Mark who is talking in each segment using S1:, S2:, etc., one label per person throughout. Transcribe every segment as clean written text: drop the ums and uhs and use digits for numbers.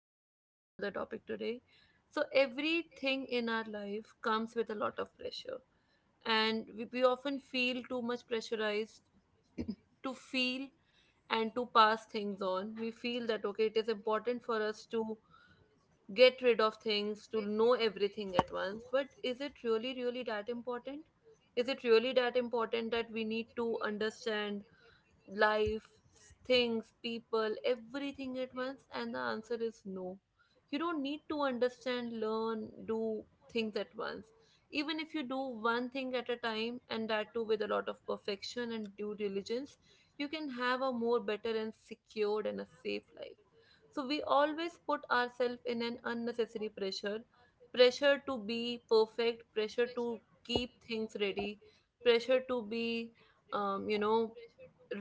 S1: am back with another topic today. So, everything in our life comes with a lot of pressure, and we often feel too much pressurized to feel and to pass things on. We feel that okay, it is important for us to get rid of things, to know everything at once. But is it really, really that important? Is it really that important that we need to understand life, things, people, everything at once? And the answer is no. You don't need to understand, learn, do things at once. Even if you do one thing at a time, and that too with a lot of perfection and due diligence, you can have a more better and secured and a safe life. So we always put ourselves in an unnecessary pressure, to be perfect, pressure to keep things ready, pressure to be, um, you know,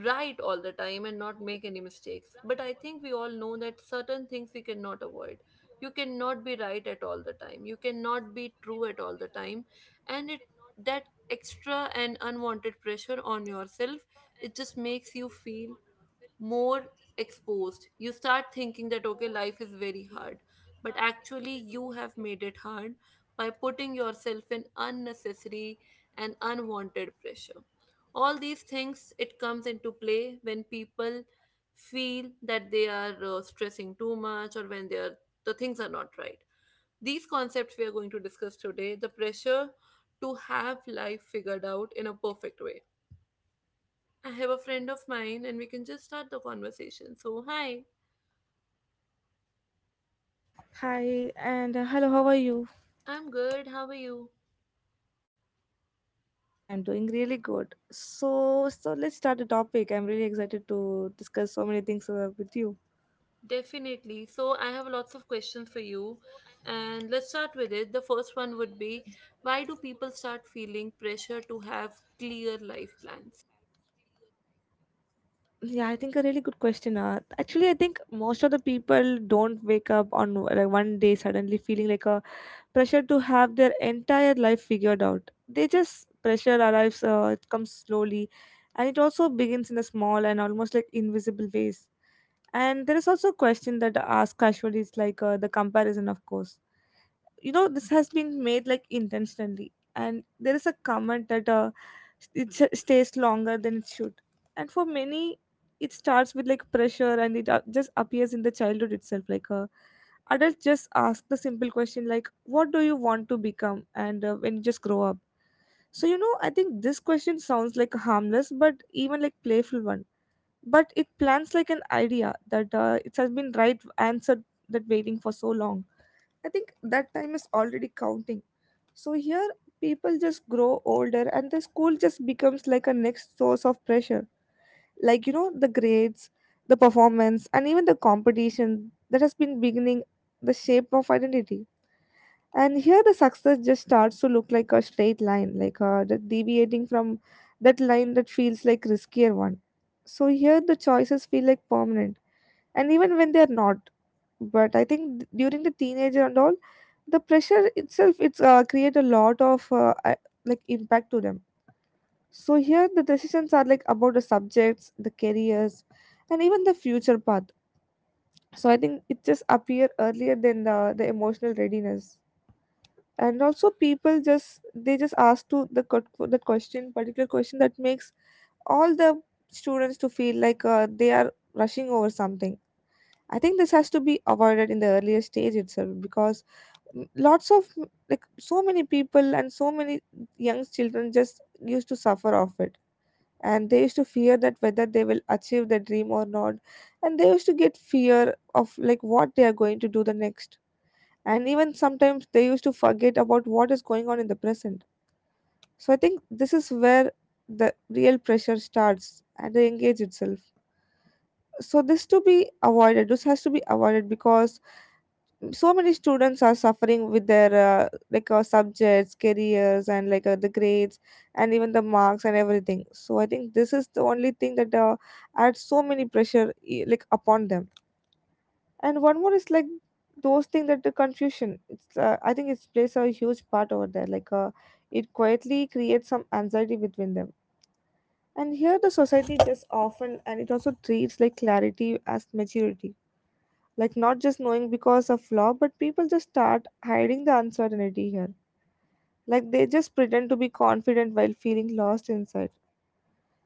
S1: right all the time and not make any mistakes. But I think we all know that certain things we cannot avoid. You cannot be right at all the time. You cannot be true at all the time. And it that extra and unwanted pressure on yourself, it just makes you feel more exposed. You start thinking that, okay, life is very hard. But actually, you have made it hard by putting yourself in unnecessary and unwanted pressure. All these things, it comes into play when people feel that they are stressing too much or when they are the things are not right. These concepts we are going to discuss today, the pressure to have life figured out in a perfect way. I have a friend of mine and we can just start the conversation. So, hi.
S2: Hi and hello, how are you?
S1: I'm good. How are you?
S2: Yeah, I'm doing really good. So let's start the topic. I'm really excited to discuss so many things with you.
S1: Definitely. So, I have lots of questions for you. And let's start with it. The first one would be, why do people start feeling pressure to have clear life plans?
S2: Yeah, I think a really good question. Actually, I think most of the people don't wake up on like one day suddenly feeling like a pressure to have their entire life figured out. They just pressure arrives. It comes slowly, and it also begins in a small and almost like invisible ways. And there is also a question that I ask casually. It's like the comparison, of course, you know, this has been made like intentionally, and there is a comment that stays longer than it should, and for many it starts with like pressure, and it just appears in the childhood itself, like adults just ask the simple question like what do you want to become, and when you just grow up. So, you know, I think this question sounds like a harmless but even like playful one, but it plants like an idea that it has been right answered, that waiting for so long. I think that time is already counting. So here, people just grow older, and the school just becomes like a next source of pressure. Like, you know, the grades, the performance, and even the competition that has been beginning the shape of identity. And here, the success just starts to look like a straight line, like the deviating from that line that feels like riskier one. So here, the choices feel like permanent, and even when they're not, but I think during the teenager and all, the pressure itself, it's create a lot of like impact to them. So here the decisions are like about the subjects, the careers, and even the future path. So I think it just appear earlier than the emotional readiness. And also people just, they just ask to the question, particular question, that makes all the students to feel like they are rushing over something. I think this has to be avoided in the earlier stage itself because lots of like so many people and so many young children just used to suffer of it, and they used to fear that whether they will achieve their dream or not, and they used to get fear of like what they are going to do the next, and even sometimes they used to forget about what is going on in the present. So I think this is where the real pressure starts at the engage itself. So this to be avoided, this has to be avoided because so many students are suffering with their like subjects, careers, and like the grades, and even the marks and everything. So I think this is the only thing that adds so many pressure, like upon them. And one more is like those things that the confusion, it's I think it plays a huge part over there, like it quietly creates some anxiety between them. And here the society just often, and it also treats like clarity as maturity, like not just knowing because of law, but people just start hiding the uncertainty here, like they just pretend to be confident while feeling lost inside.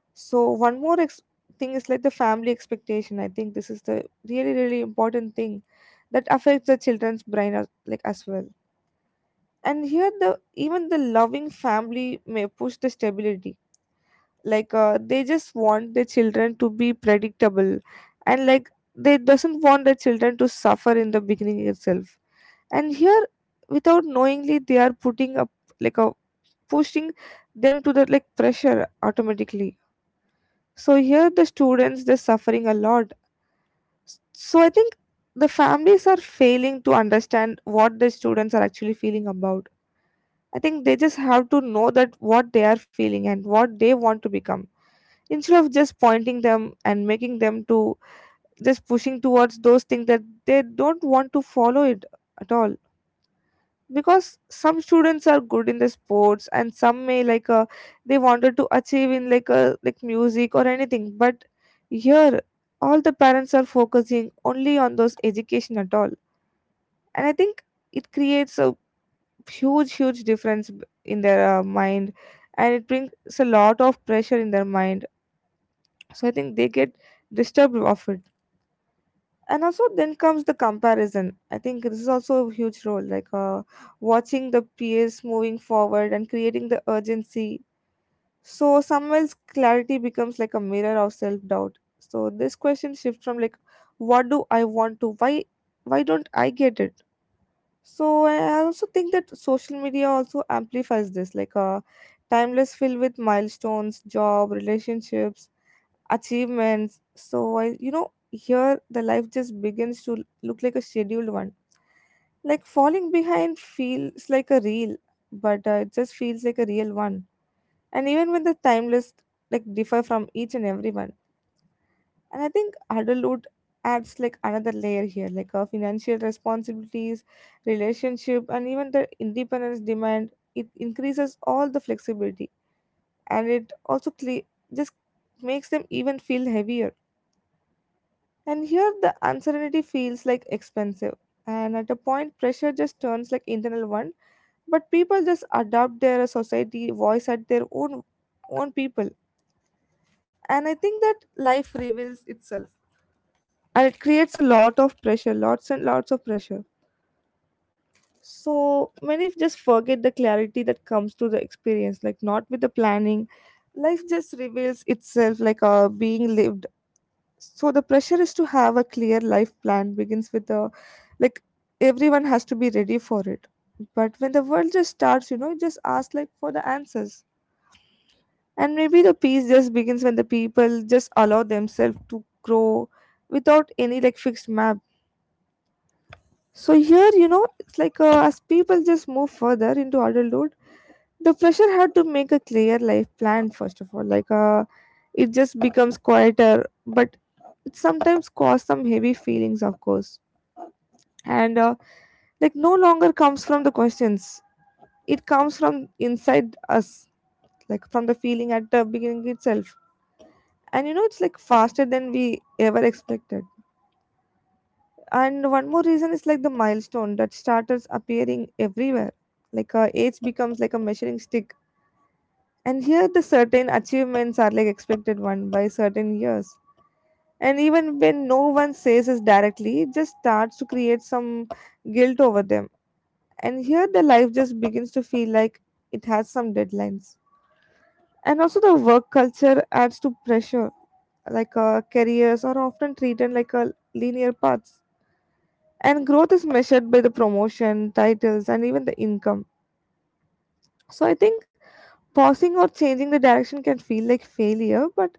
S2: So one more thing is like the family expectation. I think this is the really really important thing that affects the children's brain as, like as well. And here the even the loving family may push the stability, like they just want their children to be predictable, and like they doesn't want the children to suffer in the beginning itself. And here without knowingly they are putting up like a pushing them to the like pressure automatically. So here the students, they're suffering a lot. So I think the families are failing to understand what the students are actually feeling about. I think they just have to know that what they are feeling and what they want to become, instead of just pointing them and making them to just pushing towards those things that they don't want to follow it at all. Because some students are good in the sports, and some may like they wanted to achieve in like a like music or anything, but here all the parents are focusing only on those education at all. And I think it creates a huge difference in their mind, and it brings a lot of pressure in their mind. So I think they get disturbed of it. And also then comes the comparison. I think this is also a huge role, like watching the peers moving forward and creating the urgency. So someone's clarity becomes like a mirror of self doubt. So this question shifts from like what do I want to why don't I get it. So I also think that social media also amplifies this, like timeless filled with milestones, job, relationships, achievements. So I, you know, here the life just begins to look like a scheduled one. Like falling behind feels like a real, but it just feels like a real one. And even when the timeless like differ from each and everyone. And I think adulthood adds like another layer here, like financial responsibilities, relationship, and even the independence demand. It increases all the flexibility, and it also just makes them even feel heavier. And here the uncertainty feels like expensive. And at a point, pressure just turns like internal one. But people just adopt their society voice at their own own people. And I think that life reveals itself. And it creates a lot of pressure, lots and lots of pressure. So many just forget the clarity that comes to the experience, like not with the planning. Life just reveals itself like being lived. So the pressure is to have a clear life plan begins with the like everyone has to be ready for it. But when the world just starts, you know, it just ask like for the answers. And maybe the peace just begins when the people just allow themselves to grow without any like fixed map. So here, you know, it's like as people just move further into adulthood, the pressure had to make a clear life plan first of all, like it just becomes quieter. But it sometimes cause some heavy feelings, of course. And like no longer comes from the questions, it comes from inside us, like from the feeling at the beginning itself. And you know it's like faster than we ever expected. And one more reason is like the milestone that starters appearing everywhere, like age becomes like a measuring stick. And here the certain achievements are like expected one by certain years. And even when no one says it directly, it just starts to create some guilt over them. And here the life just begins to feel like it has some deadlines. And also the work culture adds to pressure, like careers are often treated like a linear paths. And growth is measured by the promotion, titles, and even the income. So I think pausing or changing the direction can feel like failure, but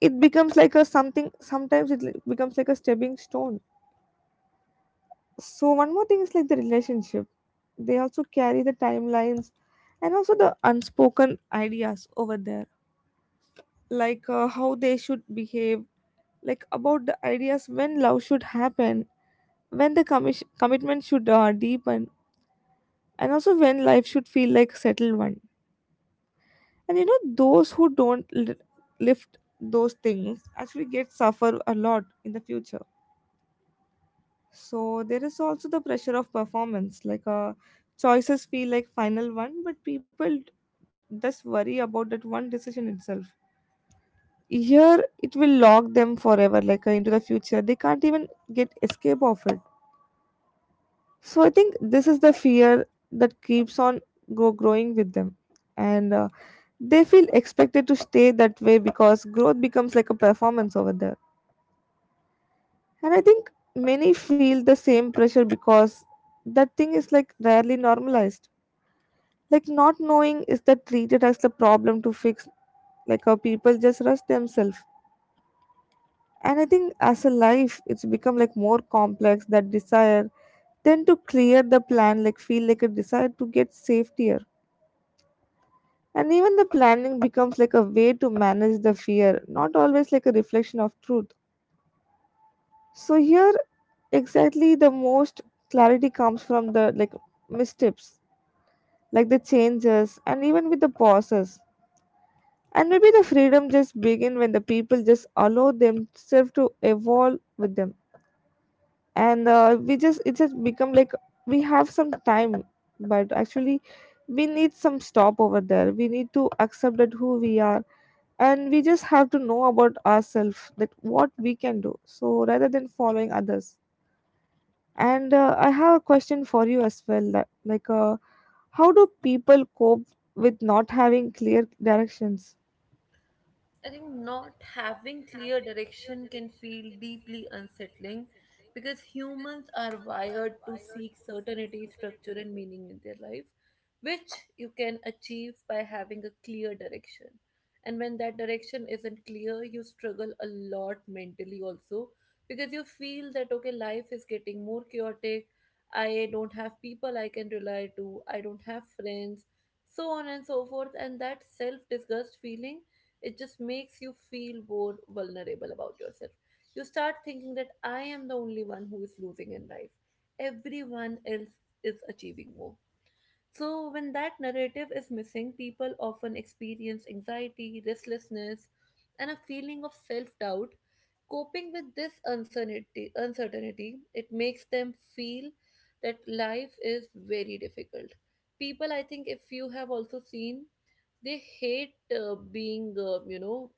S2: it becomes like a something, sometimes it becomes like a stepping stone. So one more thing is like the relationship. They also carry the timelines and also the unspoken ideas over there, like how they should behave, like about the ideas when love should happen, when the commitment should deepen, and also when life should feel like settled one. And you know those who don't lift those things actually get suffer a lot in the future. So there is also the pressure of performance, like choices feel like final one, but people just worry about that one decision itself. Here it will lock them forever, like into the future. They can't even get escape of it. So I think this is the fear that keeps on growing with them, and they feel expected to stay that way because growth becomes like a performance over there. And I think many feel the same pressure because that thing is like rarely normalized. Like not knowing is that treated as the problem to fix. Like how people just rush themselves. And I think as a life, it's become like more complex that desire tend to clear the plan, like feel like a desire to get safetier. And even the planning becomes like a way to manage the fear, not always like a reflection of truth. So here exactly the most clarity comes from the like missteps, like the changes and even with the pauses. And maybe the freedom just begin when the people just allow themselves to evolve with them. And we just it just become like We have some time, but actually we need some stop over there. We need to accept that who we are, and we just have to know about ourselves that what we can do. So rather than following others. And I have a question for you as well. How do people cope with not having clear directions?
S1: I think not having clear direction can feel deeply unsettling because humans are wired to seek certainty, structure, and meaning in their life, which you can achieve by having a clear direction. And when that direction isn't clear, you struggle a lot mentally also because you feel that okay, life is getting more chaotic. I don't have people I can rely to, I don't have friends, so on and so forth. And that self disgust feeling, it just makes you feel more vulnerable about yourself. You start thinking that I am the only one who is losing in life, everyone else is achieving more. So, when that narrative is missing, people often experience anxiety, restlessness, and a feeling of self doubt. Coping with this uncertainty, it makes them feel that life is very difficult. People, I think, if you have also seen, they hate being,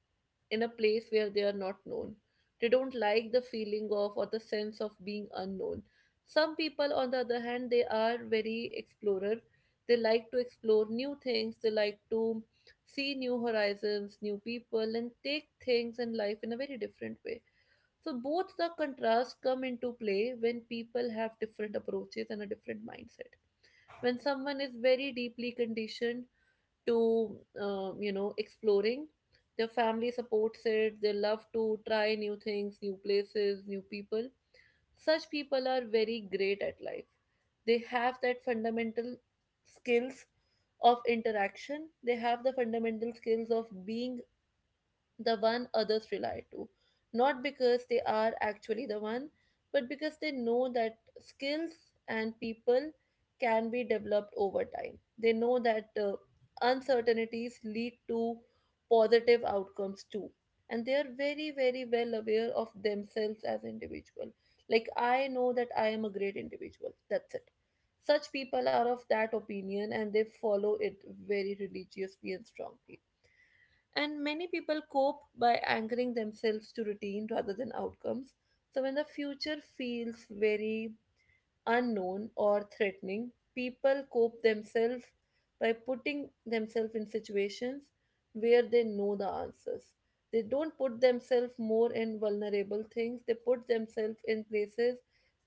S1: in a place where they are not known. They don't like the feeling of or the sense of being unknown. Some people, on the other hand, they are very explorer. They like to explore new things. They like to see new horizons, new people, and take things and life in a very different way. So both the contrasts come into play when people have different approaches and a different mindset. When someone is very deeply conditioned to, exploring, their family supports it. They love to try new things, new places, new people. Such people are very great at life. They have that fundamental skills of interaction. They have the fundamental skills of being the one others rely to, not because they are actually the one but because they know that skills and people can be developed over time. They know that uncertainties lead to positive outcomes too, and they are very, very well aware of themselves as individual. Like, I know that I am a great individual, that's it. Such people are of that opinion and they follow it very religiously and strongly. And many people cope by anchoring themselves to routine rather than outcomes. So when the future feels very unknown or threatening, people cope themselves by putting themselves in situations where they know the answers. They don't put themselves more in vulnerable things, they put themselves in places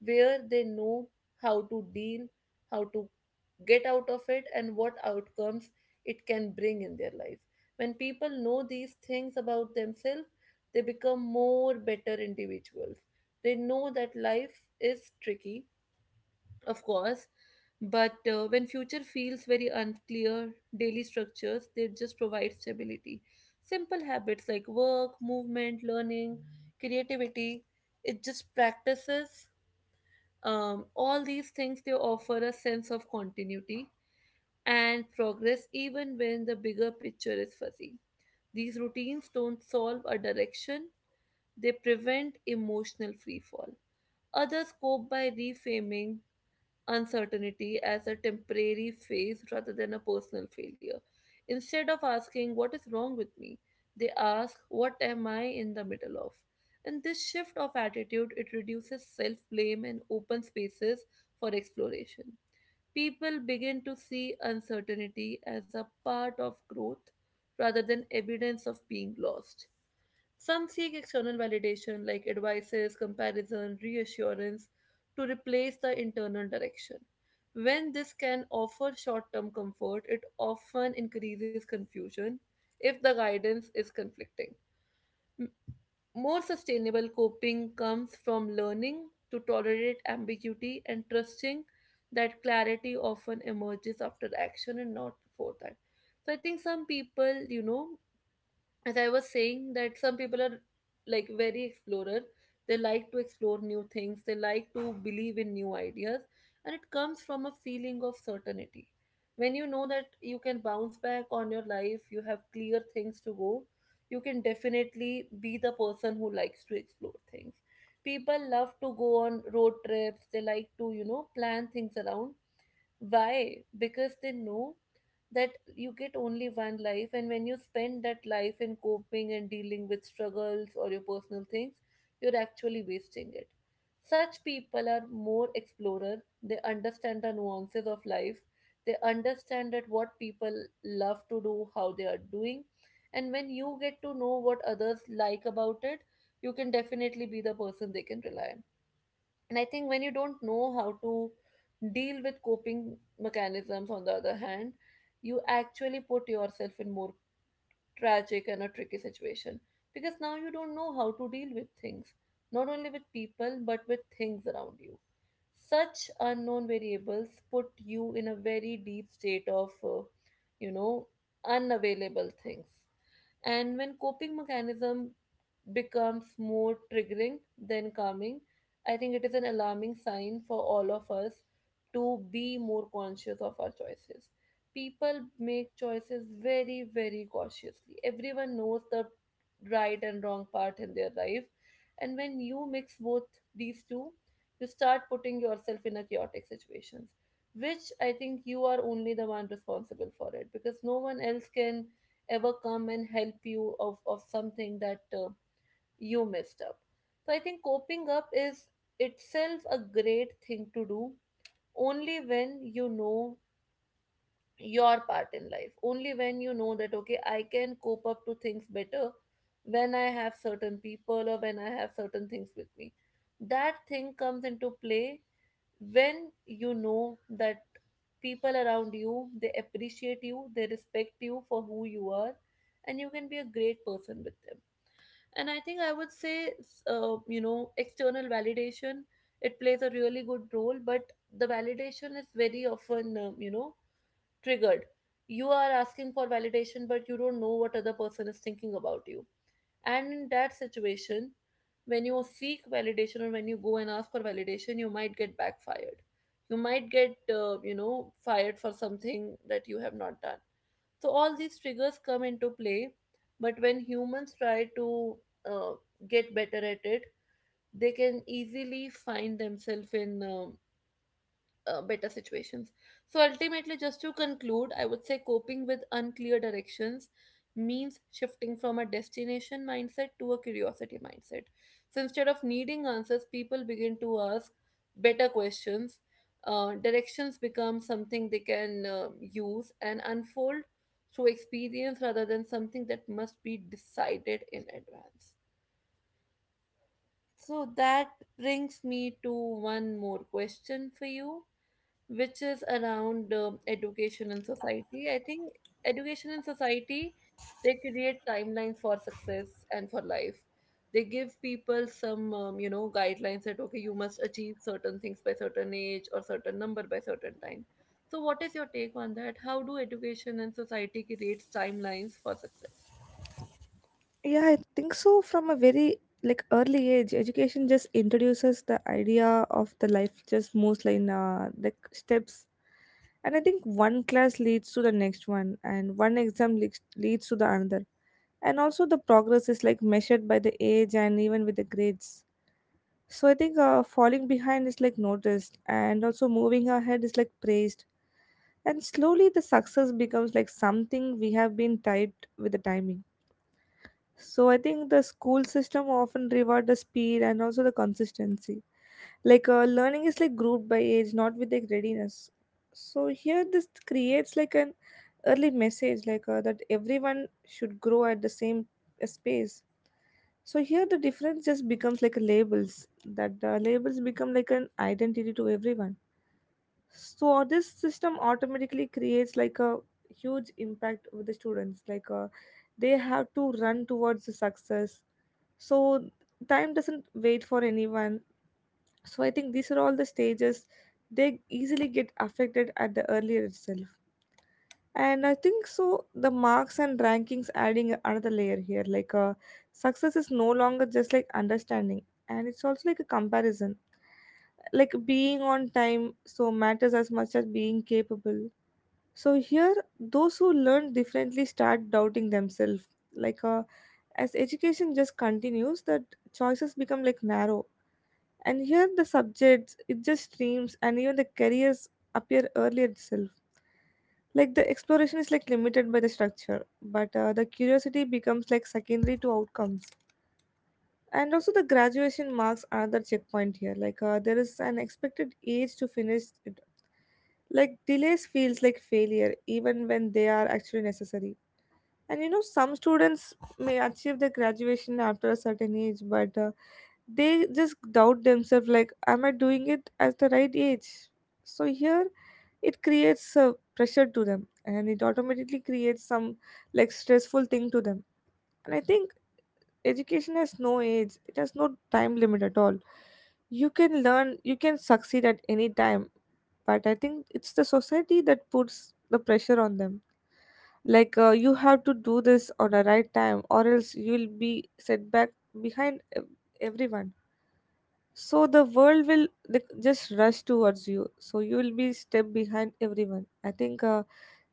S1: where they know how to deal, how to get out of it, and what outcomes it can bring in their life. When people know these things about themselves, they become more better individuals. They know that life is tricky, of course, but when future feels very unclear, daily structures, they just provide stability. Simple habits like work, movement, learning, creativity, it just practices, all these things, they offer a sense of continuity and progress even when the bigger picture is fuzzy. These routines don't solve a direction, they prevent emotional freefall. Others cope by reframing uncertainty as a temporary phase rather than a personal failure. Instead of asking, "What is wrong with me?" they ask, "What am I in the middle of?" And this shift of attitude, it reduces self-blame and opens spaces for exploration. People begin to see uncertainty as a part of growth rather than evidence of being lost. Some seek external validation like advices, comparison, reassurance to replace the internal direction. When this can offer short term comfort, it often increases confusion if the guidance is conflicting. M- More sustainable coping comes from learning to tolerate ambiguity and trusting that clarity often emerges after action and not before that. So I think some people, you know, as I was saying, that some people are like very explorer. They like to explore new things. They like to believe in new ideas, and it comes from a feeling of certainty. When you know that you can bounce back on your life, you have clear things to go. You can definitely be the person who likes to explore things. People love to go on road trips. They like to, you know, plan things around. Why? Because they know that you get only one life, and when you spend that life in coping and dealing with struggles or your personal things, you're actually wasting it. Such people are more explorer. They understand the nuances of life. They understand that what people love to do, how they are doing, and when you get to know what others like about it, you can definitely be the person they can rely on. And I think when you don't know how to deal with coping mechanisms, on the other hand, you actually put yourself in more tragic and a tricky situation because now you don't know how to deal with things, not only with people, but with things around you. Such unknown variables put you in a very deep state of, you know, unavailable things. And when coping mechanism becomes more triggering than calming, I think it is an alarming sign for all of us to be more conscious of our choices. People make choices very, very cautiously. Everyone knows the right and wrong part in their life. And when you mix both these two, you start putting yourself in a chaotic situations, which I think you are only the one responsible for it, because no one else can ever come and help you of something that you messed up. So I think coping up is itself a great thing to do only when you know your part in life, only when you know that, okay, I can cope up to things better when I have certain people or when I have certain things with me. That thing comes into play when you know that people around you, they appreciate you, they respect you for who you are, and you can be a great person with them. And I think I would say external validation, it plays a really good role, but the validation is very often, triggered. You are asking for validation but you don't know what other person is thinking about you, and in that situation, when you seek validation or when you go and ask for validation, you might get backfired. You might get, fired for something that you have not done. So all these triggers come into play. But when humans try to uh, get better at it, they can easily find themselves in better situations. So ultimately, just to conclude, I would say coping with unclear directions means shifting from a destination mindset to a curiosity mindset. So instead of needing answers, people begin to ask better questions. Directions become something they can use and unfold through experience rather than something that must be decided in advance. So that brings me to one more question for you, which is around education in society. I think education in society, they create timelines for success and for life. They give people some, guidelines that, okay, you must achieve certain things by certain age or certain number by certain time. So, what is your take on that? How do education and society create timelines for success?
S2: Yeah, I think so. From a very like early age, education just introduces the idea of the life just mostly in the steps. And I think one class leads to the next one, and one exam leads to the another. And also the progress is like measured by the age and even with the grades. So I think falling behind is like noticed, and also moving ahead is like praised. And slowly the success becomes like something we have been tied with the timing. So I think the school system often reward the speed and also the consistency. Like learning is like grouped by age, not with like readiness. So here this creates like an early message like that everyone should grow at the same space. So here the difference just becomes like a labels that the labels become like an identity to everyone. So this system automatically creates like a huge impact with the students like they have to run towards the success, so time doesn't wait for anyone. So I think these are all the stages, they easily get affected at the earlier itself. And I think so the marks and rankings adding another layer here like success is no longer just like understanding, and it's also like a comparison, like being on time so matters as much as being capable. So here those who learn differently start doubting themselves, like uh, as education just continues that choices become like narrow. And here the subjects, it just streams and even the careers appear earlier itself. Like the exploration is like limited by the structure, but the curiosity becomes like secondary to outcomes. And also the graduation marks another checkpoint here. Like there is an expected age to finish it. Like delays feels like failure even when they are actually necessary. And you know some students may achieve the graduation after a certain age, but they just doubt themselves like am I doing it at the right age? So here it creates a pressure to them and it automatically creates some like stressful thing to them. And I think education has no age, it has no time limit at all. You can learn, you can succeed at any time, but I think it's the society that puts the pressure on them, like you have to do this on the right time or else you will be set back behind everyone. So the world will like just rush towards you. So you will be step behind everyone. I think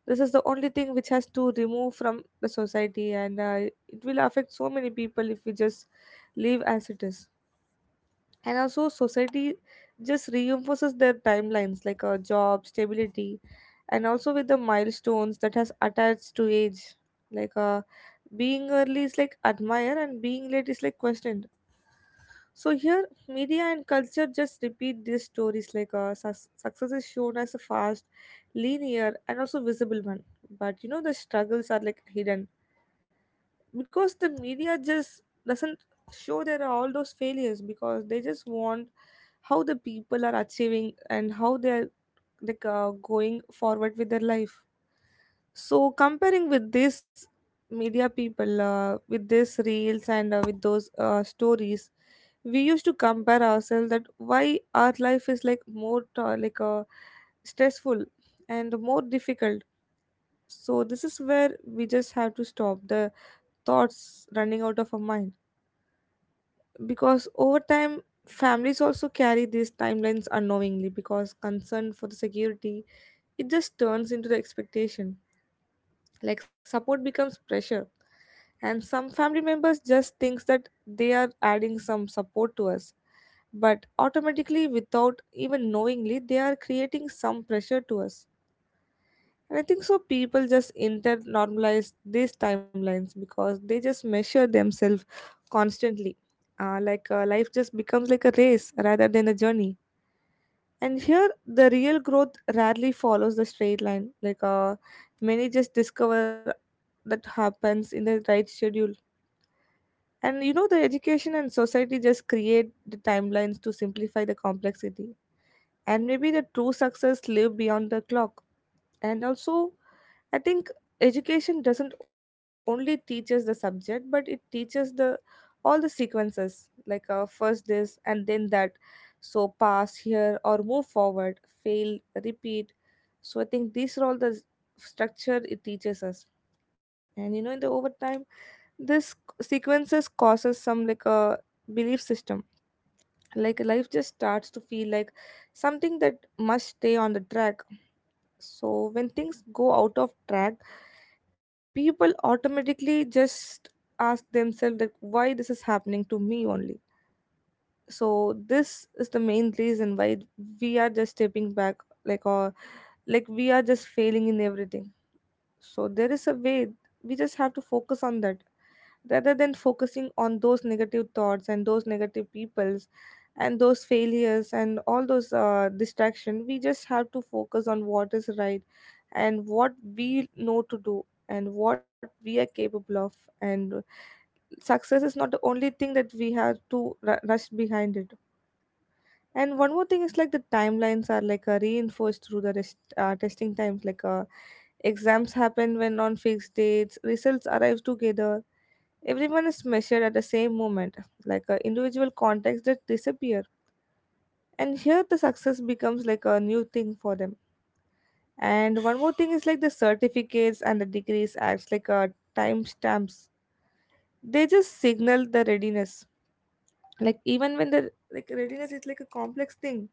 S2: this is the only thing which has to remove from the society, and it will affect so many people if we just leave as it is. And also, society just reinforces their timelines like job stability, and also with the milestones that has attached to age, like being early is like admire and being late is like question. So here, media and culture just repeat these stories like success is shown as a fast, linear, and also visible one. But you know, the struggles are like hidden because the media just doesn't show there are all those failures, because they just want how the people are achieving and how they're like going forward with their life. So comparing with this media people with these reels and with those stories, we used to compare ourselves that why our life is like stressful and more difficult. So this is where we just have to stop the thoughts running out of our mind, because over time families also carry these timelines unknowingly because concern for the security, it just turns into the expectation, like support becomes pressure. And some family members just thinks that they are adding some support to us, but automatically without even knowingly they are creating some pressure to us. And I think so people just inter normalize these timelines because they just measure themselves constantly. Life just becomes like a race rather than a journey. And here the real growth rarely follows the straight line, many just discover that happens in the right schedule. And you know the education and society just create the timelines to simplify the complexity, and maybe the true success live beyond the clock. And also I think education doesn't only teach us the subject, but it teaches the all the sequences, like first this and then that. So pass here or move forward, fail, repeat. So I think these are all the structure it teaches us. And you know in the overtime, this sequences causes some like a belief system, like life just starts to feel like something that must stay on the track. So when things go out of track, people automatically just ask themselves that why this is happening to me only. So this is the main reason why we are just stepping back, like, or like we are just failing in everything. So there is a way we just have to focus on that, rather than focusing on those negative thoughts and those negative peoples and those failures and all those distraction. We just have to focus on what is right and what we know to do and what we are capable of. And success is not the only thing that we have to rush behind it. And one more thing is like the timelines are like reinforced through the testing times, like exams happen when on fixed dates, results arrive together. Everyone is measured at the same moment, like a individual context that disappear. And here the success becomes like a new thing for them. And one more thing is like the certificates and the degrees acts like a timestamps. They just signal the readiness. Like even when the like readiness is like a complex thing.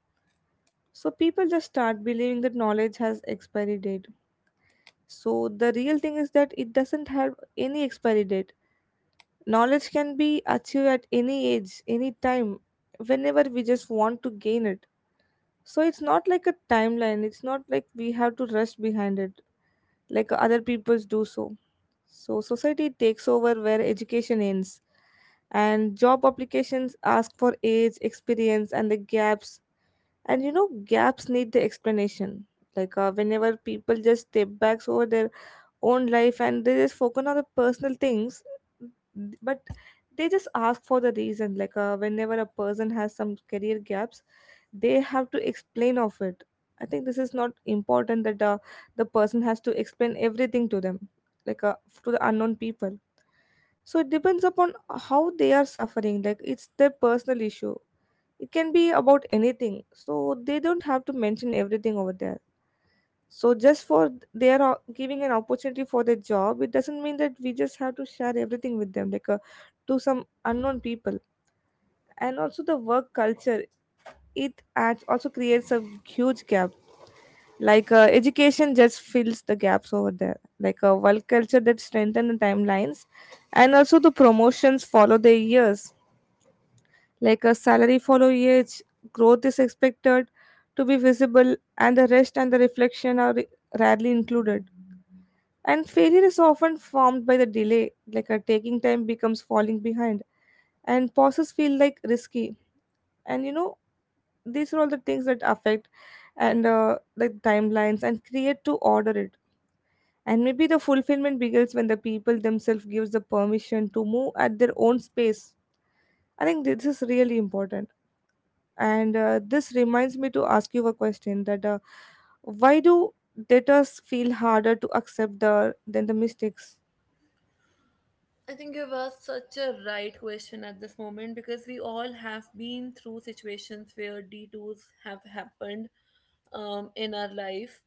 S2: So people just start believing that knowledge has expiry date. So the real thing is that it doesn't have any expiry date. Knowledge can be achieved at any age, any time, whenever we just want to gain it. So it's not like a timeline, it's not like we have to rush behind it like other peoples do so. So society takes over where education ends, and job applications ask for age experience and the gaps. And you know gaps need the explanation, like whenever people just step back over their own life and they just focus on the personal things, but they just ask for the reason, like whenever a person has some career gaps, they have to explain of it. I think this is not important that the person has to explain everything to them, like to the unknown people. So it depends upon how they are suffering, like it's their personal issue, it can be about anything, so they don't have to mention everything over there. So just for they are giving an opportunity for their job, it doesn't mean that we just have to share everything with them, like to some unknown people. And also the work culture, it adds also creates a huge gap, like education just fills the gaps over there, like a work culture that strengthen the timelines. And also the promotions follow the years, like a salary follow age, growth is expected to be visible, and the rest and the reflection are rarely included. And failure is often formed by the delay, like a taking time becomes falling behind, and pauses feel like risky. And you know these are all the things that affect, and the timelines and create to order it. And maybe the fulfillment begins when the people themselves gives the permission to move at their own space. I think this is really important. And this reminds me to ask you a question that why do debtors feel harder to accept the than the mistakes?
S1: I think you've asked such a right question at this moment because we all have been through situations where detours have happened in our life,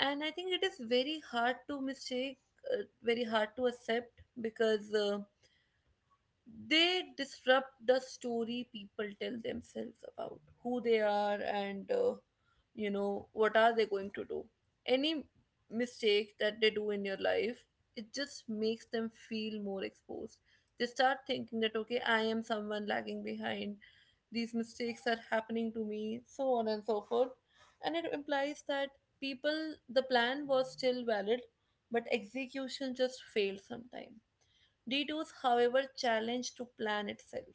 S1: and I think it is very hard to mistake, very hard to accept because they disrupt the story people tell themselves about who they are, and what are they going to do. Any mistake that they do in your life, it just makes them feel more exposed. They start thinking that okay, I am someone lagging behind, these mistakes are happening to me, so on and so forth. And it implies that people, the plan was still valid, but execution just failed sometime. Detours, however, challenge to plan itself.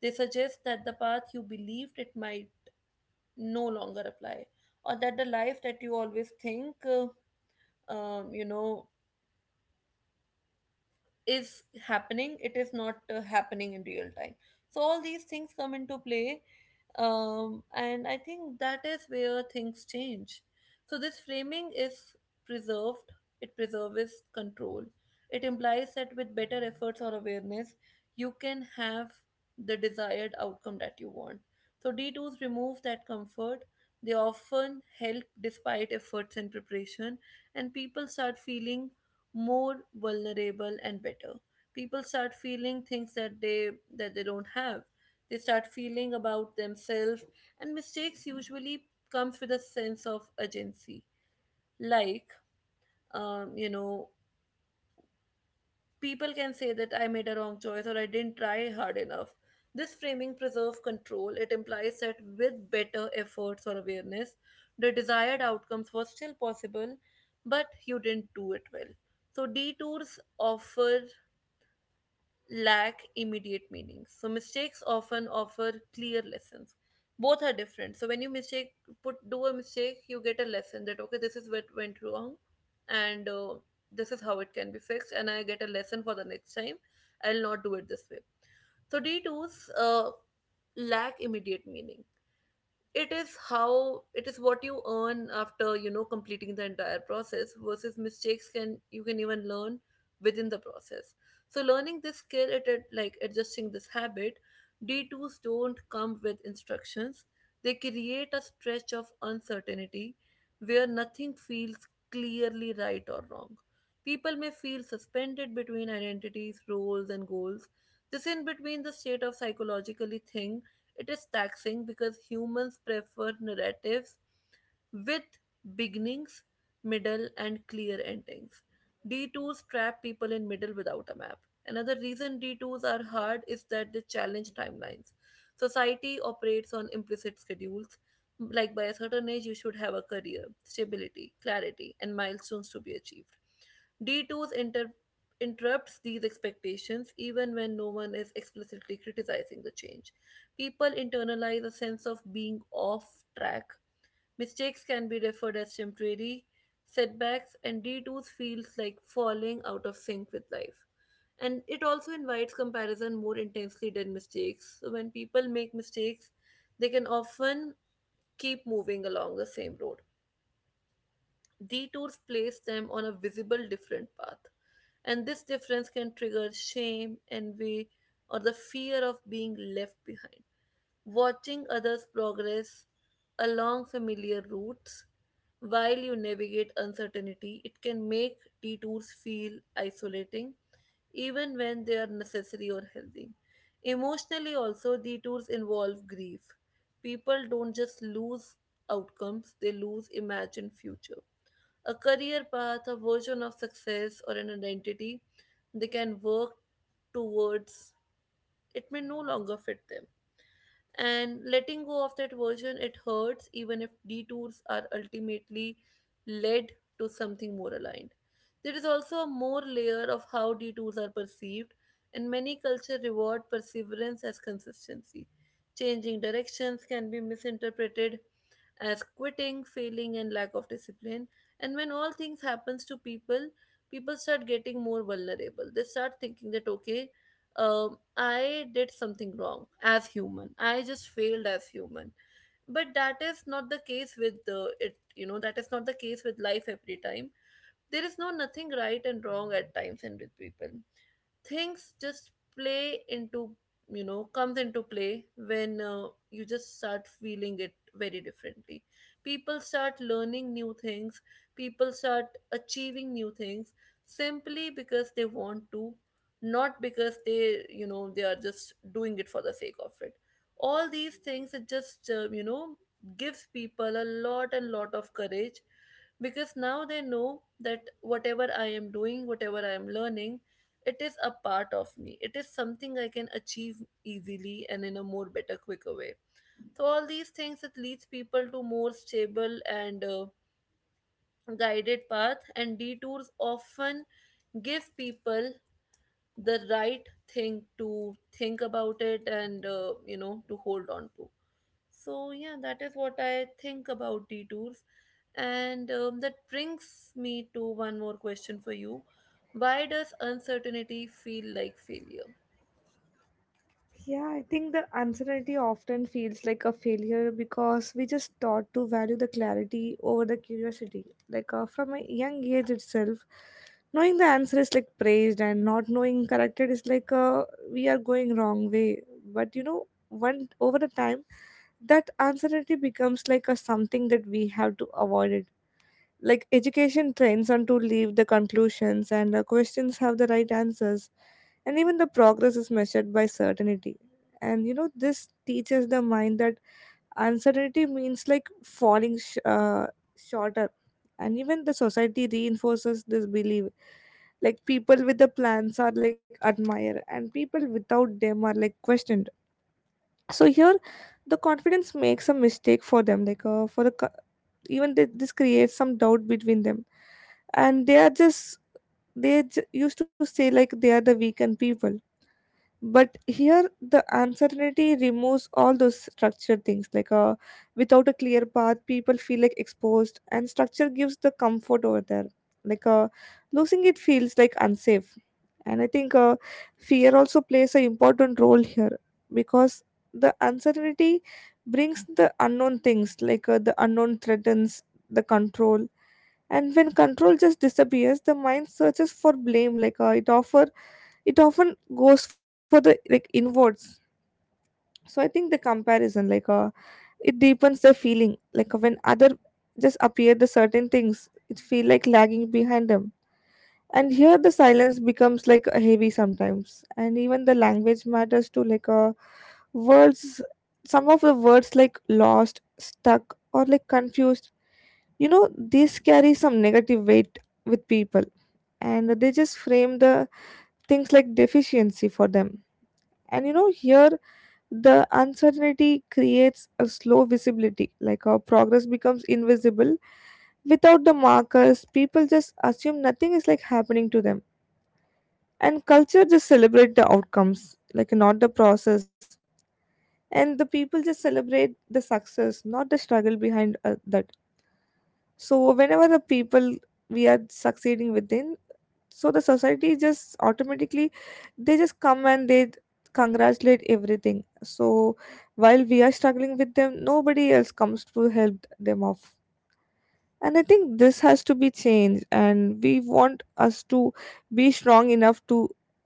S1: They suggest that the path you believed it might no longer apply, or that the life that you always think, um, you know, is happening, it is not happening in real time. So, all these things come into play, and I think that is where things change. So this framing is preserved it preserves control. It implies that with better efforts or awareness, you can have the desired outcome that you want. So d2s remove that comfort. They often help despite efforts and preparation, and people start feeling more vulnerable and better. People start feeling things that they don't have. They start feeling about themselves, and mistakes usually comes with a sense of urgency. Like, um, you know, people can say that I made a wrong choice or I didn't try hard enough. This framing preserves control. It implies that with better efforts or awareness, the desired outcomes were still possible, but you didn't do it well. So detours offer lack immediate meaning. So mistakes often offer clear lessons. Both are different. So when you mistake put do a mistake, you get a lesson that okay, this is what went wrong, and this is how it can be fixed, and I get a lesson for the next time. I'll not do it this way. So D2s lack immediate meaning. It is how it is what you earn after, you know, completing the entire process, versus mistakes can, you can even learn within the process. So learning this skill, it like adjusting this habit. D2s don't come with instructions. They create a stretch of uncertainty where nothing feels clearly right or wrong. People may feel suspended between identities, roles, and goals. This in between the state of psychologically thing, it is taxing because humans prefer narratives with beginnings, middle, and clear endings. Detours trap people in middle without a map. Another reason detours are hard is that they challenge timelines. Society operates on implicit schedules, like by a certain age, you should have a career, stability, clarity, and milestones to be achieved. D2's inter- interrupts these expectations even when no one is explicitly criticizing the change. People internalize a sense of being off track. Mistakes can be referred as temporary setbacks, and D2's feels like falling out of sync with life. And it also invites comparison more intensely than mistakes. So when people make mistakes, they can often keep moving along the same road. Detours place them on a visible different path, and this difference can trigger shame, envy, or the fear of being left behind. Watching others progress along familiar routes while you navigate uncertainty, it can make detours feel isolating, even when they are necessary or healthy. Emotionally, also, detours involve grief. People don't just lose outcomes, they lose imagined future, a career path, a version of success, or an identity they can work towards. It may no longer fit them, and letting go of that version, it hurts, even if detours are ultimately led to something more aligned. There is also a more layer of how detours are perceived, and many cultures reward perseverance as consistency. Changing directions can be misinterpreted as quitting, failing, and lack of discipline. And when all things happens to people, people start getting more vulnerable. They start thinking that okay, I did something wrong as human. I just failed as human. But that is not the case with the it. You know, that is not the case with life every time. There is no nothing right and wrong at times, and with people, things just play into, you know, comes into play when you just start feeling it very differently. People start learning new things, people start achieving new things simply because they want to, not because they, you know, they are just doing it for the sake of it. All these things, it just, gives people a lot and lot of courage, because now they know that whatever I am doing, whatever I am learning, it is a part of me. It is something I can achieve easily and in a more better quicker way. So all these things, it leads people to more stable and guided path, and detours often give people the right thing to think about it, and, to hold on to. So yeah, that is what I think about detours. And that brings me to one more question for you. Why does uncertainty feel like failure?
S2: Yeah, I think the uncertainty often feels like a failure because we just taught to value the clarity over the curiosity. Like from a young age itself, knowing the answer is like praised, and not knowing corrected is like we are going wrong way. But one over the time, that uncertainty becomes like a something that we have to avoid it. Like education trains on to leave the conclusions, and questions have the right answers, and even the progress is measured by certainty. And this teaches the mind that uncertainty means like falling shorter. And even the society reinforces this belief, like people with the plans are like admired and people without them are like questioned. So here the confidence makes a mistake for them, like for the, even this creates some doubt between them. And they are just, they used to say like they are the weekend people. But here the uncertainty removes all those structured things, like without a clear path people feel like exposed, and structure gives the comfort over there. Like losing it feels like unsafe. And I think fear also plays an important role here, because the uncertainty brings the unknown things, like the unknown threatens the control. And when control just disappears, the mind searches for blame. Like it often goes for the like inwards. So I think the comparison, like it deepens the feeling. Like when other just appear the certain things, it feel like lagging behind them. And here the silence becomes like a heavy sometimes, and even the language matters too, like words, some of the words like lost stuck or like confused, these carry some negative weight with people, and they just frame the things like deficiency for them. And here the uncertainty creates a slow visibility, like our progress becomes invisible. Without the markers people just assume nothing is like happening to them. And culture just celebrate the outcomes, like not the process. And the people just celebrate the success, not the struggle behind that. So whenever the people, we are succeeding within, so the society just automatically, they just come and they congratulate everything. So while we are struggling with them nobody else comes to help them off. And I think this has to be changed, and we want us to be strong enough to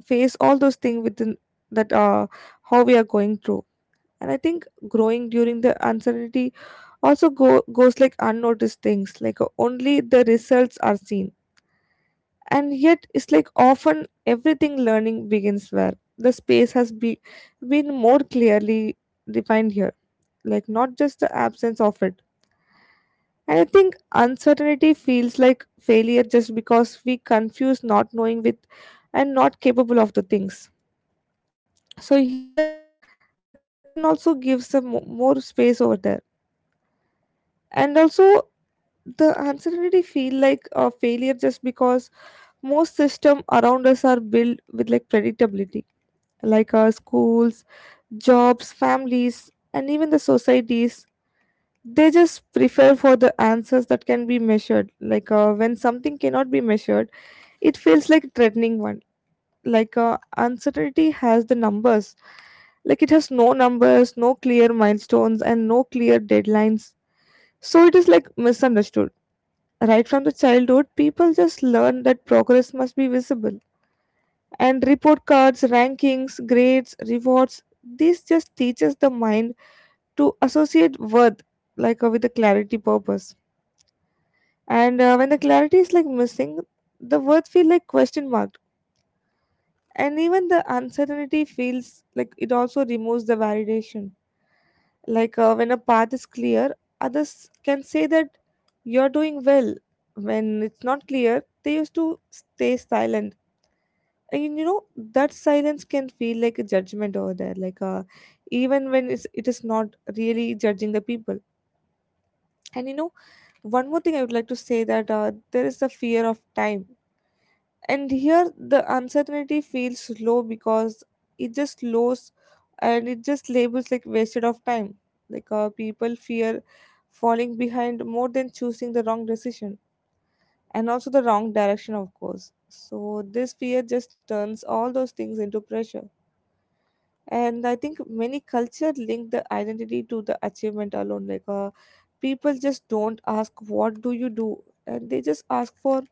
S2: face all those things within, that how we are going through. And I think growing during the uncertainty also go goes like unnoticed things, like only the results are seen. And yet it's like often everything learning begins where the space has been more clearly defined here, like not just the absence of it. And I think uncertainty feels like failure just because we confuse not knowing with, and not capable of the things. So here the comparison also gives some more space over there. And also the uncertainty feel like a failure just because most system around us are built with like predictability, like our schools, jobs, families, and even the societies. They just prefer for the answers that can be measured. Like when something cannot be measured it feels like a threatening one. Like uncertainty has the numbers, like it has no numbers, no clear milestones, and no clear deadlines, so it is like misunderstood. Right from the childhood people just learn that progress must be visible. And report cards, rankings, grades, rewards, this just teaches the mind to associate worth, like with a clarity purpose. And when the clarity is like missing, the words feel like question mark. And even the uncertainty feels like it also removes the validation. Like when a path is clear, others can say that you're doing well. When it's not clear, they used to stay silent. And that silence can feel like a judgment over there. Like even when it's, it is not really judging the people. And one more thing I would like to say, that there is the fear of time. And here the uncertainty feels low because it just slows, and it just labels like wasted of time. Like people fear falling behind more than choosing the wrong decision, and also the wrong direction of course. So this fear just turns all those things into pressure. And I think many culture link the identity to the achievement alone. Like people just don't ask what do you do, and they just ask for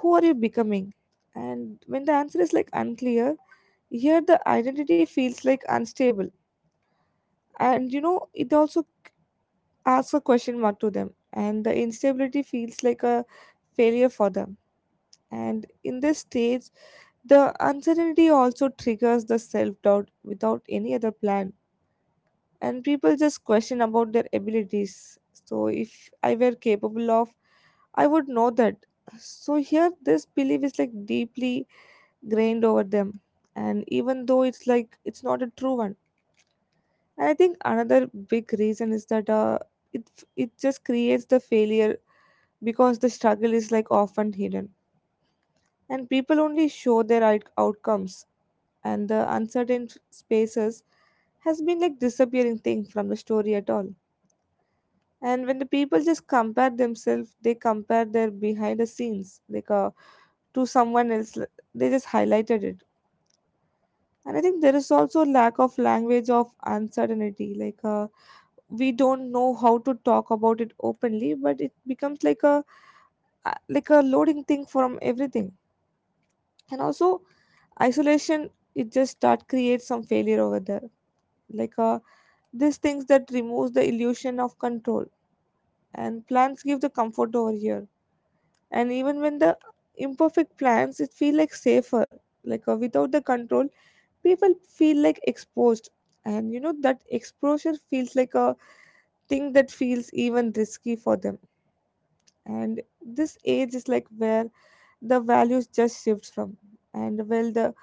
S2: who are you becoming. And when the answer is like unclear, here the identity feels like unstable. And it also asks a question mark to them, and the instability feels like a failure for them. And in this stage the uncertainty also triggers the self-doubt without any other plan, and people just question about their abilities. So if I were capable of, I would know that. So here this belief is like deeply grained over them, and even though it's like it's not a true one. And I think another big reason is that it it just creates the failure, because the struggle is like often hidden and people only show their outcomes. And the uncertain spaces has been like disappearing thing from the story at all. And when the people just compare themselves they compare their behind the scenes, like to someone else like, they just highlighted it. And I think there is also lack of language of uncertainty. Like we don't know how to talk about it openly, but it becomes like a like a loading thing from everything. And also isolation, it just start creates some failure over there. Like these things that removes the illusion of control. And plans give the comfort over here. And even when the imperfect plans, it feel like safer. Like without the control people feel like exposed. And that exposure feels like a thing that feels even risky for them. And this age is like where the values just shift from, and where the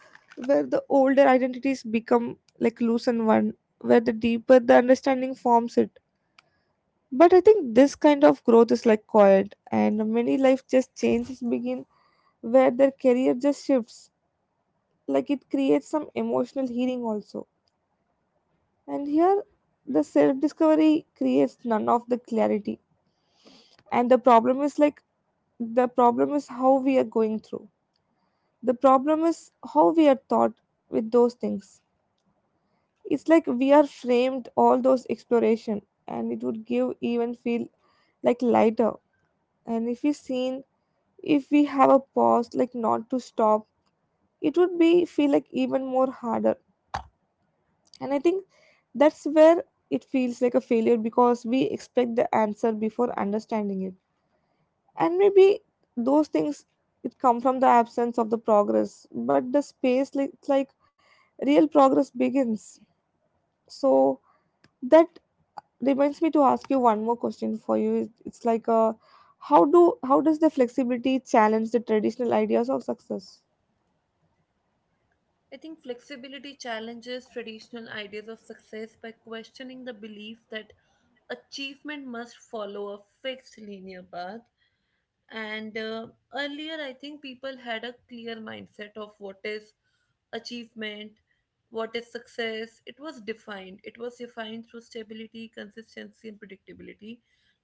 S2: where the older identities become like loosen one, where the deeper the understanding forms it. But I think this kind of growth is like quiet, and many life just changes begin where their career just shifts, like it creates some emotional healing also. And here the self discovery creates none of the clarity. And the problem is like, the problem is how we are going through. The problem is how we are taught with those things. It's like we are framed all those exploration, and it would give even feel like lighter. And if we seen, if we have a pause like not to stop, it would be feel like even more harder. And I think that's where it feels like a failure because we expect the answer before understanding it. And maybe those things it come from the absence of the progress but the space like real progress begins. So that reminds me to ask you one more question for you. It's like how do how does the flexibility challenge the traditional ideas of success?
S1: I think flexibility challenges traditional ideas of success by questioning the belief that achievement must follow a fixed linear path. And earlier I think people had a clear mindset of what is achievement, what is success. It was defined through stability, consistency, and predictability,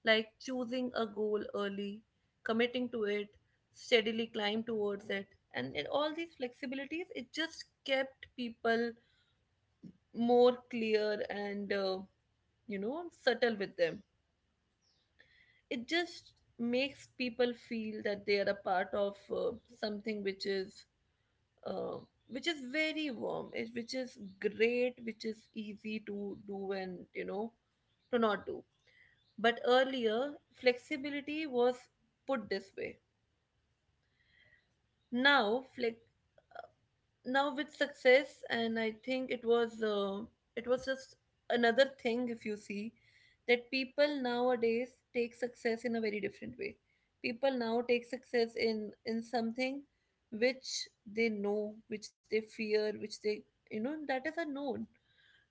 S1: like choosing a goal early, committing to it, steadily climb towards it. And in all these flexibilities, it just kept people more clear and, subtle with them. It just makes people feel that they are a part of something which is, uh, which is very warm, it, which is great, which is easy to do and, you know, to not do. But earlier flexibility was put this way. Now flex now with success, and I think it was, it was just another thing. If you see that people nowadays take success in a very different way, people now take success in something which they know, which they fear, which they, you know, that is unknown.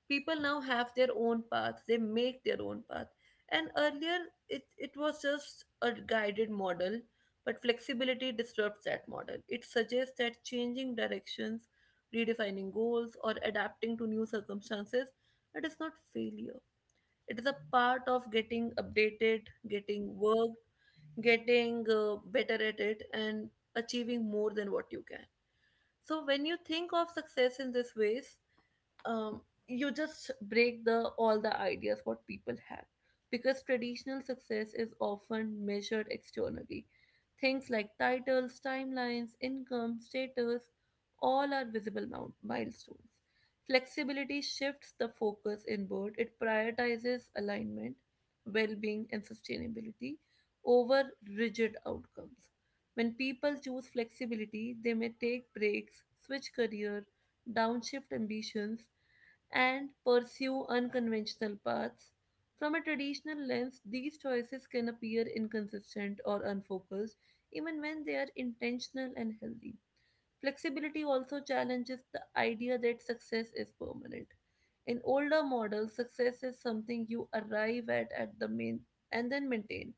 S1: People now have their own path, they make their own path. And earlier it was just a guided model. But flexibility disrupts that model. It suggests that changing directions, redefining goals, or adapting to new circumstances, it is not failure. It is a part of getting updated, getting work, getting better at it, and achieving more than what you can. So when you think of success in this ways, um, you just break the all the ideas what people had. Because traditional success is often measured externally, things like titles, timelines, income, status, all are visible milestones. Flexibility shifts the focus inward. It prioritizes alignment, well-being, and sustainability over rigid outcomes. When people choose flexibility, they may take breaks, switch career, downshift ambitions, and pursue unconventional paths. From a traditional lens, these choices can appear inconsistent or unfocused, even when they are intentional and healthy. Flexibility also challenges the idea that success is permanent. In older models, success is something you arrive at the main and then maintain.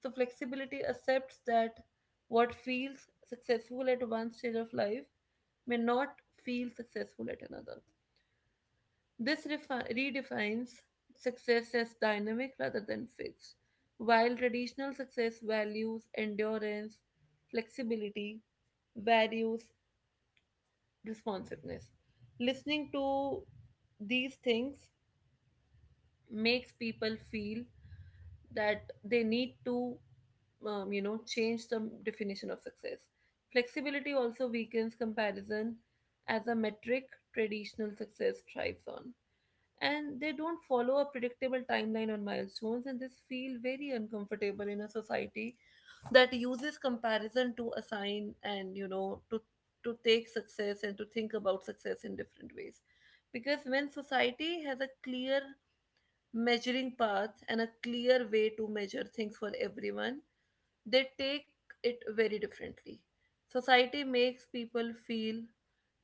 S1: So flexibility accepts that what feels successful at one stage of life may not feel successful at another. This redefines success as dynamic rather than fixed. While traditional success values endurance, flexibility values responsiveness. Listening to these things makes people feel that they need to, change the definition of success. Flexibility also weakens comparison as a metric traditional success thrives on. And they don't follow a predictable timeline on milestones, and this feel very uncomfortable in a society that uses comparison to assign and, you know, to take success and to think about success in different ways. Because when society has a clear measuring path and a clear way to measure things for everyone, they take it very differently. Society makes people feel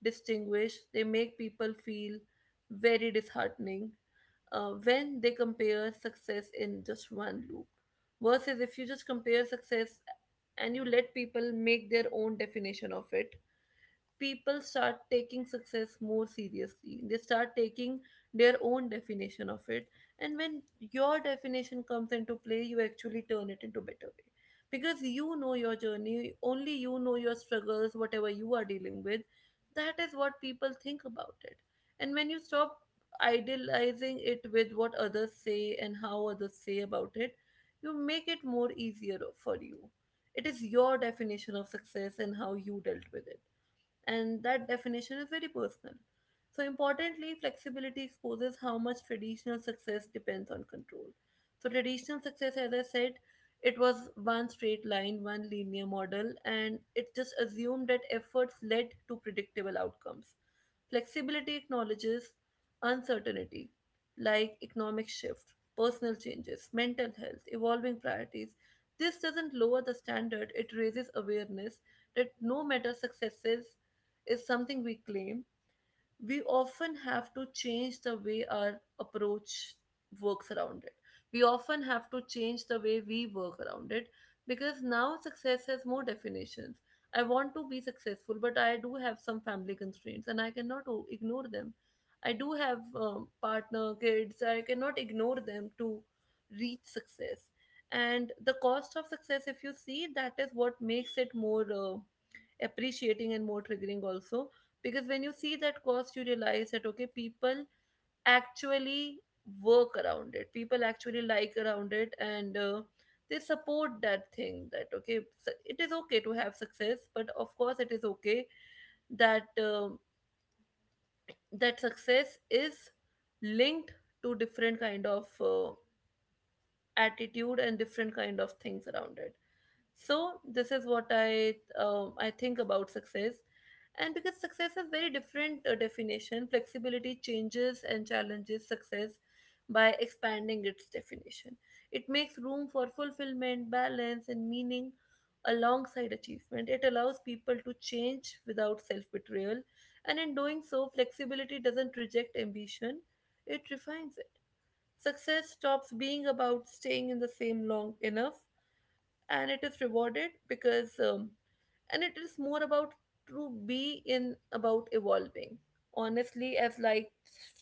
S1: distinguished, they make people feel very disheartening when they compare success in just one loop. Versus if you just compare success and you let people make their own definition of it, people start taking success more seriously. They start taking their own definition of it. And when your definition comes into play, you actually turn it into better way. Because you know your journey, only you know your struggles, whatever you are dealing with. That is what people think about it. And when you stop idealizing it with what others say and how others say about it, you make it more easier for you. It is your definition of success and how you dealt with it, and that definition is very personal. So, importantly, flexibility exposes how much traditional success depends on control. So, traditional success, as I said, it was one straight line, one linear model, and it just assumed that efforts led to predictable outcomes. Flexibility acknowledges uncertainty, like economic shift, personal changes, mental health, evolving priorities. This doesn't lower the standard, it raises awareness that no matter successes is something we claim, we often have to change the way our approach works around it. We often have to change the way we work around it because now success has more definitions. I want to be successful, but I do have some family constraints and I cannot ignore them. I do have partner, kids, I cannot ignore them to reach success. And the cost of success, if you see, that is what makes it more appreciating and more triggering also, because when you see that cost you realize that okay, people actually work around it, people actually like around it, and they support that thing, that okay, so it is okay to have success, but of course it is okay that that success is linked to different kind of attitude and different kind of things around it. So this is what I I think about success. And because success has very different definition, flexibility changes and challenges success by expanding its definition. It makes room for fulfillment, balance, and meaning alongside achievement. It allows people to change without self betrayal, and in doing so, flexibility doesn't reject ambition, it refines it. Success stops being about staying in the same long enough, and it is rewarded because and it is more about to be in about evolving honestly as life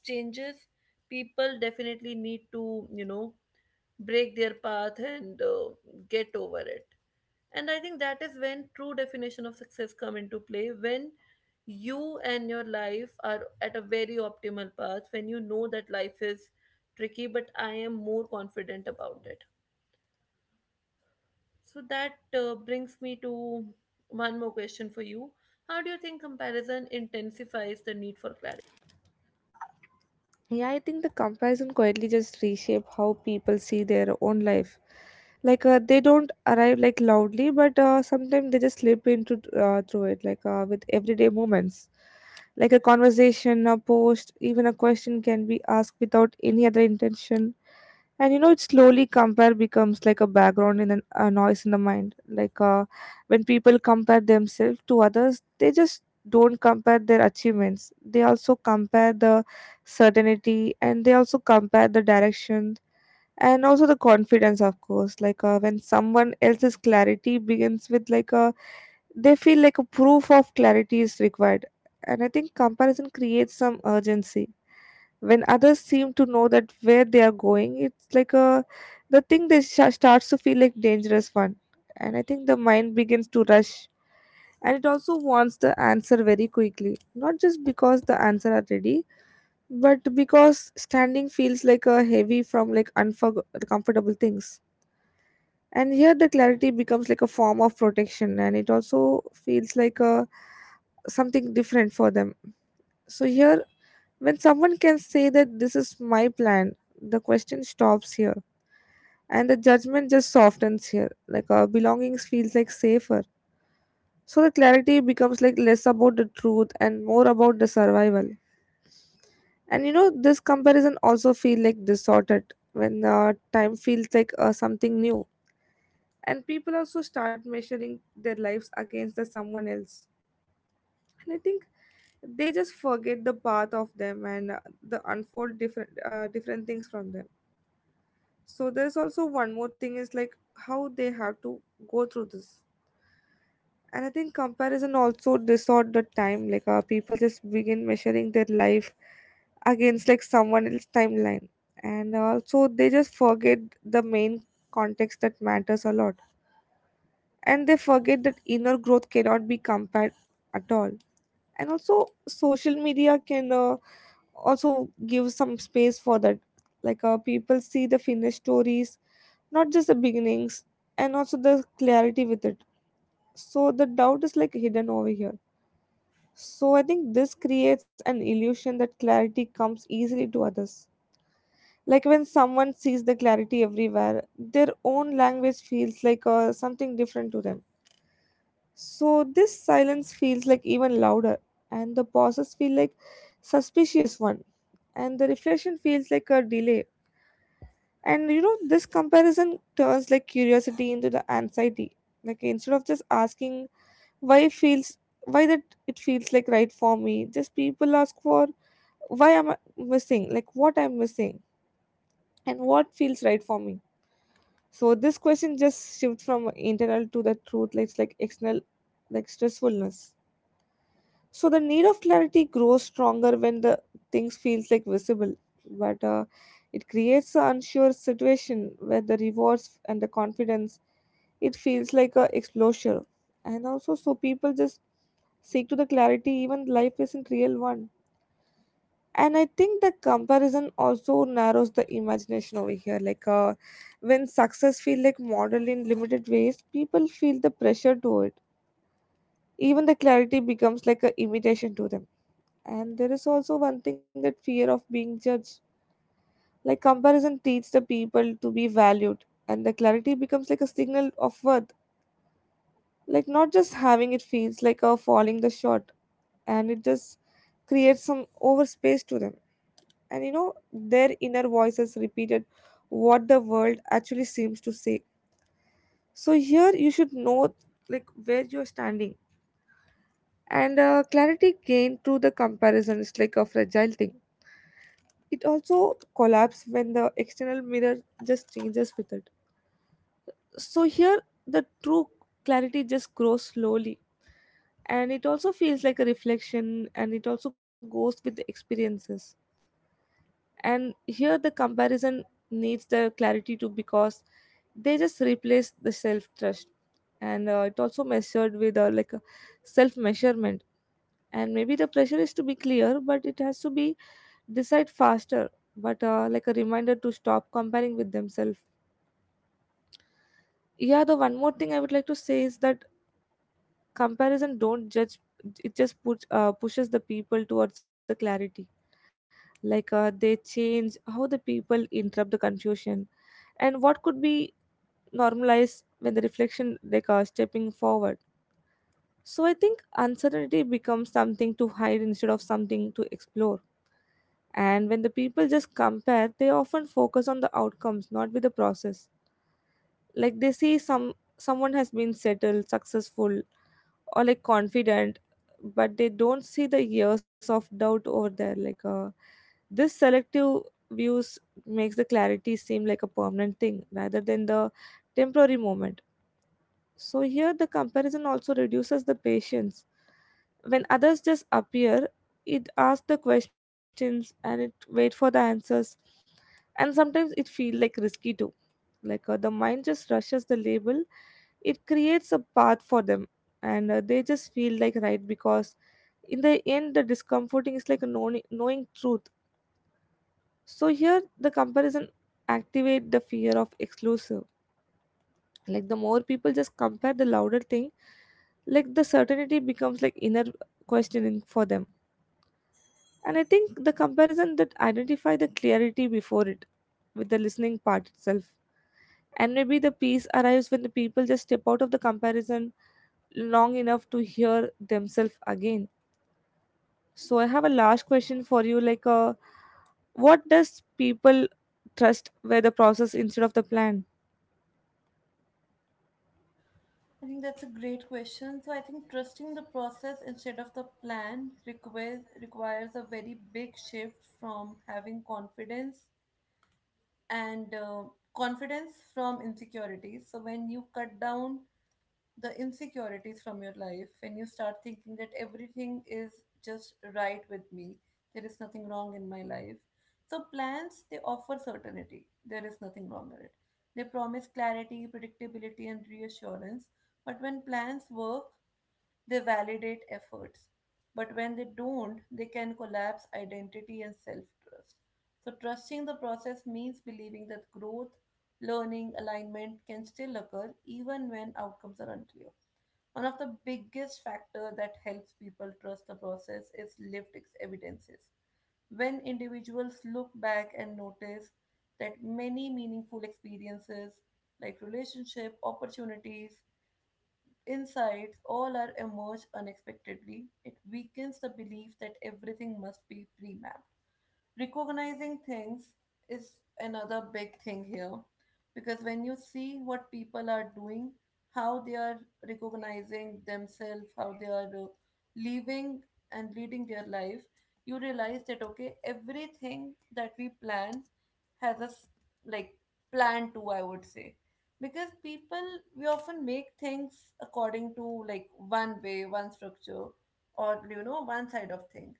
S1: changes. People definitely need to, you know, break their path, and get over it. And I think that is when true definition of success come into play, when you and your life are at a very optimal path, when you know that life is tricky but I am more confident about it. So that brings me to one more question for you. How do you think comparison intensifies the need for clarity?
S2: Yeah, I think the comparison quietly just reshape how people see their own life. Like they don't arrive like loudly, but sometimes they just slip into through it, like with everyday moments, like a conversation, a post, even a question can be asked without any other intention. And it slowly compare becomes like a background in an, a noise in the mind. Like when people compare themselves to others, they just don't compare their achievements. They also compare the certainty, and they also compare the direction, and also the confidence of course. Like when someone else's clarity begins with like a, they feel like a proof of clarity is required. And I think comparison creates some urgency. When others seem to know that where they are going, it's like a, the thing that starts to feel like dangerous one. And I think the mind begins to rush, and it also wants the answer very quickly, not just because the answer are ready, but because standing feels like a heavy from like comfortable things. And here the clarity becomes like a form of protection, and it also feels like a something different for them. So here, when someone can say that this is my plan, the question stops here, and the judgment just softens here, like belongings feels like safer. So the clarity becomes like less about the truth and more about the survival. And this comparison also feel like distorted when time feels like something new. And people also start measuring their lives against the someone else. And I think they just forget the path of them, and the unfold different different things from them. So there's also one more thing is like how they have to go through this. And I think comparison also distort the time, like people just begin measuring their life against like someone else's timeline. And also they just forget the main context that matters a lot. And they forget that inner growth cannot be compared at all. And also social media can also give some space for that. Like people see the finished stories, not just the beginnings. And also The clarity with it, so the doubt is like hidden over here. So I think this creates an illusion that clarity comes easily to others. Like when someone sees the clarity everywhere, their own language feels like something different to them. So this silence feels like even louder, and the pauses feel like suspicious one, and the reflection feels like a delay. And you know this comparison turns like curiosity into the anxiety. Like instead of just asking why feels, why that, it feels like right for me, just people ask for why am I missing, like what I'm missing and what feels right for me. So this question just shifts from internal to the truth, like it's like external, like stressfulness. So the need of clarity grows stronger when the things feels like visible, but it creates an unsure situation where the rewards and the confidence, it feels like a exposure. And also so people just seek to the clarity even life isn't real one. And I think the comparison also narrows the imagination over here, like when success feel like model in limited ways, people feel the pressure to it. Even the clarity becomes like a imitation to them. And there is also one thing, that fear of being judged. Like comparison teaches the people to be valued and the clarity becomes like a signal of worth, like not just having it feels like a falling the short. And it just creates some over space to them. And you know their inner voices repeated what the world actually seems to say. So here you should know like where you're standing, and clarity gained through the comparison is like a fragile thing. It also collapses when the external mirror just changes with it. So here the true clarity just grows slowly, and it also feels like a reflection and it also goes with the experiences. And here the comparison needs the clarity too, because they just replaced the self trust. And it also measured with like a self measurement. And maybe the pressure is to be clear, but it has to be decide faster. But like a reminder to stop comparing with themselves. Yeah, the one more thing I would like to say is that comparison don't judge, it just puts pushes the people towards the clarity. Like they change how the people interrupt the confusion and what could be normalized when the reflection, like stepping forward. So I think uncertainty becomes something to hide instead of something to explore. And when the people just compare, they often focus on the outcomes, not with the process. Like they see someone has been settled, successful, or like confident, but they don't see the years of doubt over there. Like this selective views makes the clarity seem like a permanent thing rather than the temporary moment. So here the comparison also reduces the patience. When others just appear, it asks the questions and it wait for the answers. And sometimes it feel like risky too. Like the mind just rushes the label, it creates a path for them. And they just feel like right, because in the end the discomforting is like a knowing truth. So here the comparison activate the fear of exclusive, like the more people just compare, the louder thing, like the certainty becomes like inner questioning for them. And I think the comparison that identify the clarity before it, with the listening part itself. And maybe the peace arrives when the people just step out of the comparison long enough to hear themselves again. So I have a last question for you, like what does people trust where the process instead of the plan.
S1: I think that's a great question. So I think trusting the process instead of the plan requires a very big shift from having confidence and confidence from insecurity. So when you cut down the insecurities from your life, when you start thinking that everything is just right with me, there is nothing wrong in my life. So plans, they offer certainty, there is nothing wrong in it. They promise clarity, predictability, and reassurance. But when plans work, they validate efforts, but when they don't, they can collapse identity and self trust. So, trusting the process means believing that growth, learning, alignment can still occur even when outcomes are unclear. One of the biggest factors that helps people trust the process is lived evidences. When individuals look back and notice that many meaningful experiences like relationship, opportunities, insights all are emerge unexpectedly, it weakens the belief that everything must be pre-mapped. Recognizing things is another big thing here, because when you see what people are doing, how they are recognizing themselves, how they are living and leading their life, you realize that okay, everything that we plan has a like plan to, I would say, because people, we often make things according to like one way, one structure, or you know, one side of things.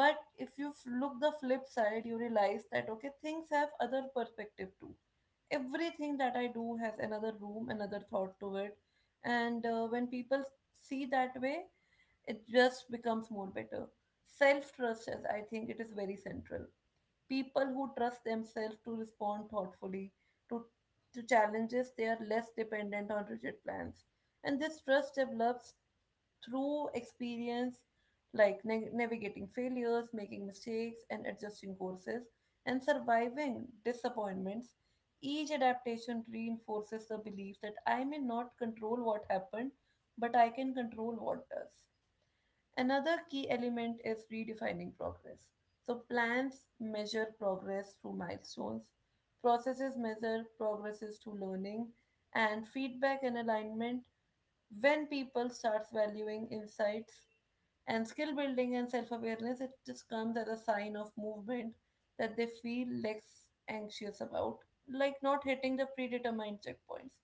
S1: But if you look the flip side, you realize that okay, things have other perspective too. Everything that I do has another room, another thought to it. And when people see that way, it just becomes more better. Self trust, as I think, it is very central. People who trust themselves to respond thoughtfully to, to challenges, they are less dependent on rigid plans. And this trust develops through experience, like navigating failures, making mistakes, and adjusting courses, and surviving disappointments. Each adaptation reinforces the belief that I may not control what happened, but I can control what does. Another key element is redefining progress. So, plans measure progress through milestones, processes measure progresses through learning, and feedback and alignment. When people starts valuing insights and skill building and self awareness, it just comes as a sign of movement that they feel less anxious about, like not hitting the predetermined checkpoints.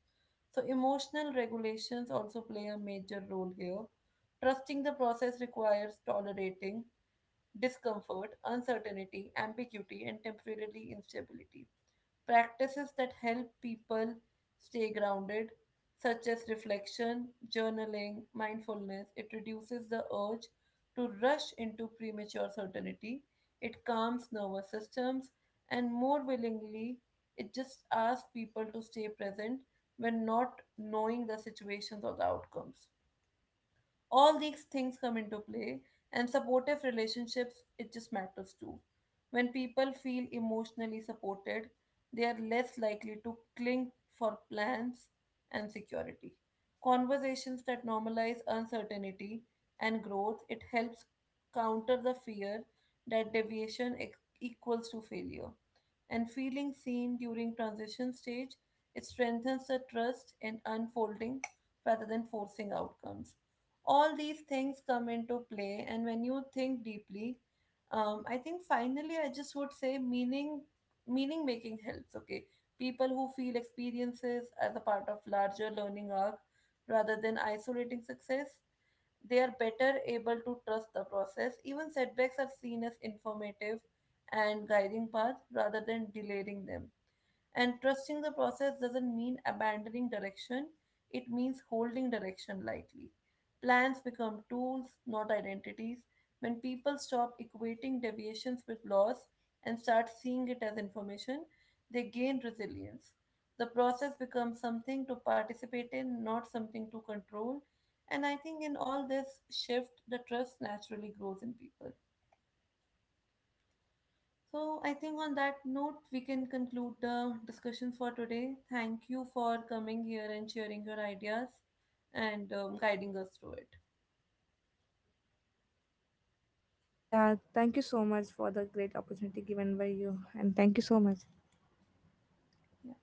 S1: So, emotional regulations also play a major role here. Trusting the process requires tolerating discomfort, uncertainty, ambiguity, and temporarily instability. Practices that help people stay grounded, such as reflection, journaling, mindfulness, it reduces the urge to rush into premature certainty. It calms nervous systems, and more willingly, it just asks people to stay present when not knowing the situations or the outcomes. All these things come into play. And supportive relationships, it just matters too. When people feel emotionally supported, they are less likely to cling for plans and security. Conversations that normalize uncertainty and growth, it helps counter the fear that deviation equals to failure, and feeling seen during transition stage, it strengthens the trust in unfolding rather than forcing outcomes. All these things come into play, and when you think deeply, I think finally I just would say meaning making helps, okay. People who feel experiences as a part of larger learning arc rather than isolating success, they are better able to trust the process. Even setbacks are seen as informative and guiding path rather than delaying them. And trusting the process doesn't mean abandoning direction, it means holding direction lightly. Plans become tools, not identities. When people stop equating deviations with loss and start seeing it as information, they gain resilience. The process becomes something to participate in, not something to control. And I think in all this shift, the trust naturally grows in people. So, I think on that note, we can conclude the discussion for today. Thank you for coming here and sharing your ideas and guiding us through it.
S2: Yeah, thank you so much for the great opportunity given by you, and thank you so much.
S1: Yeah.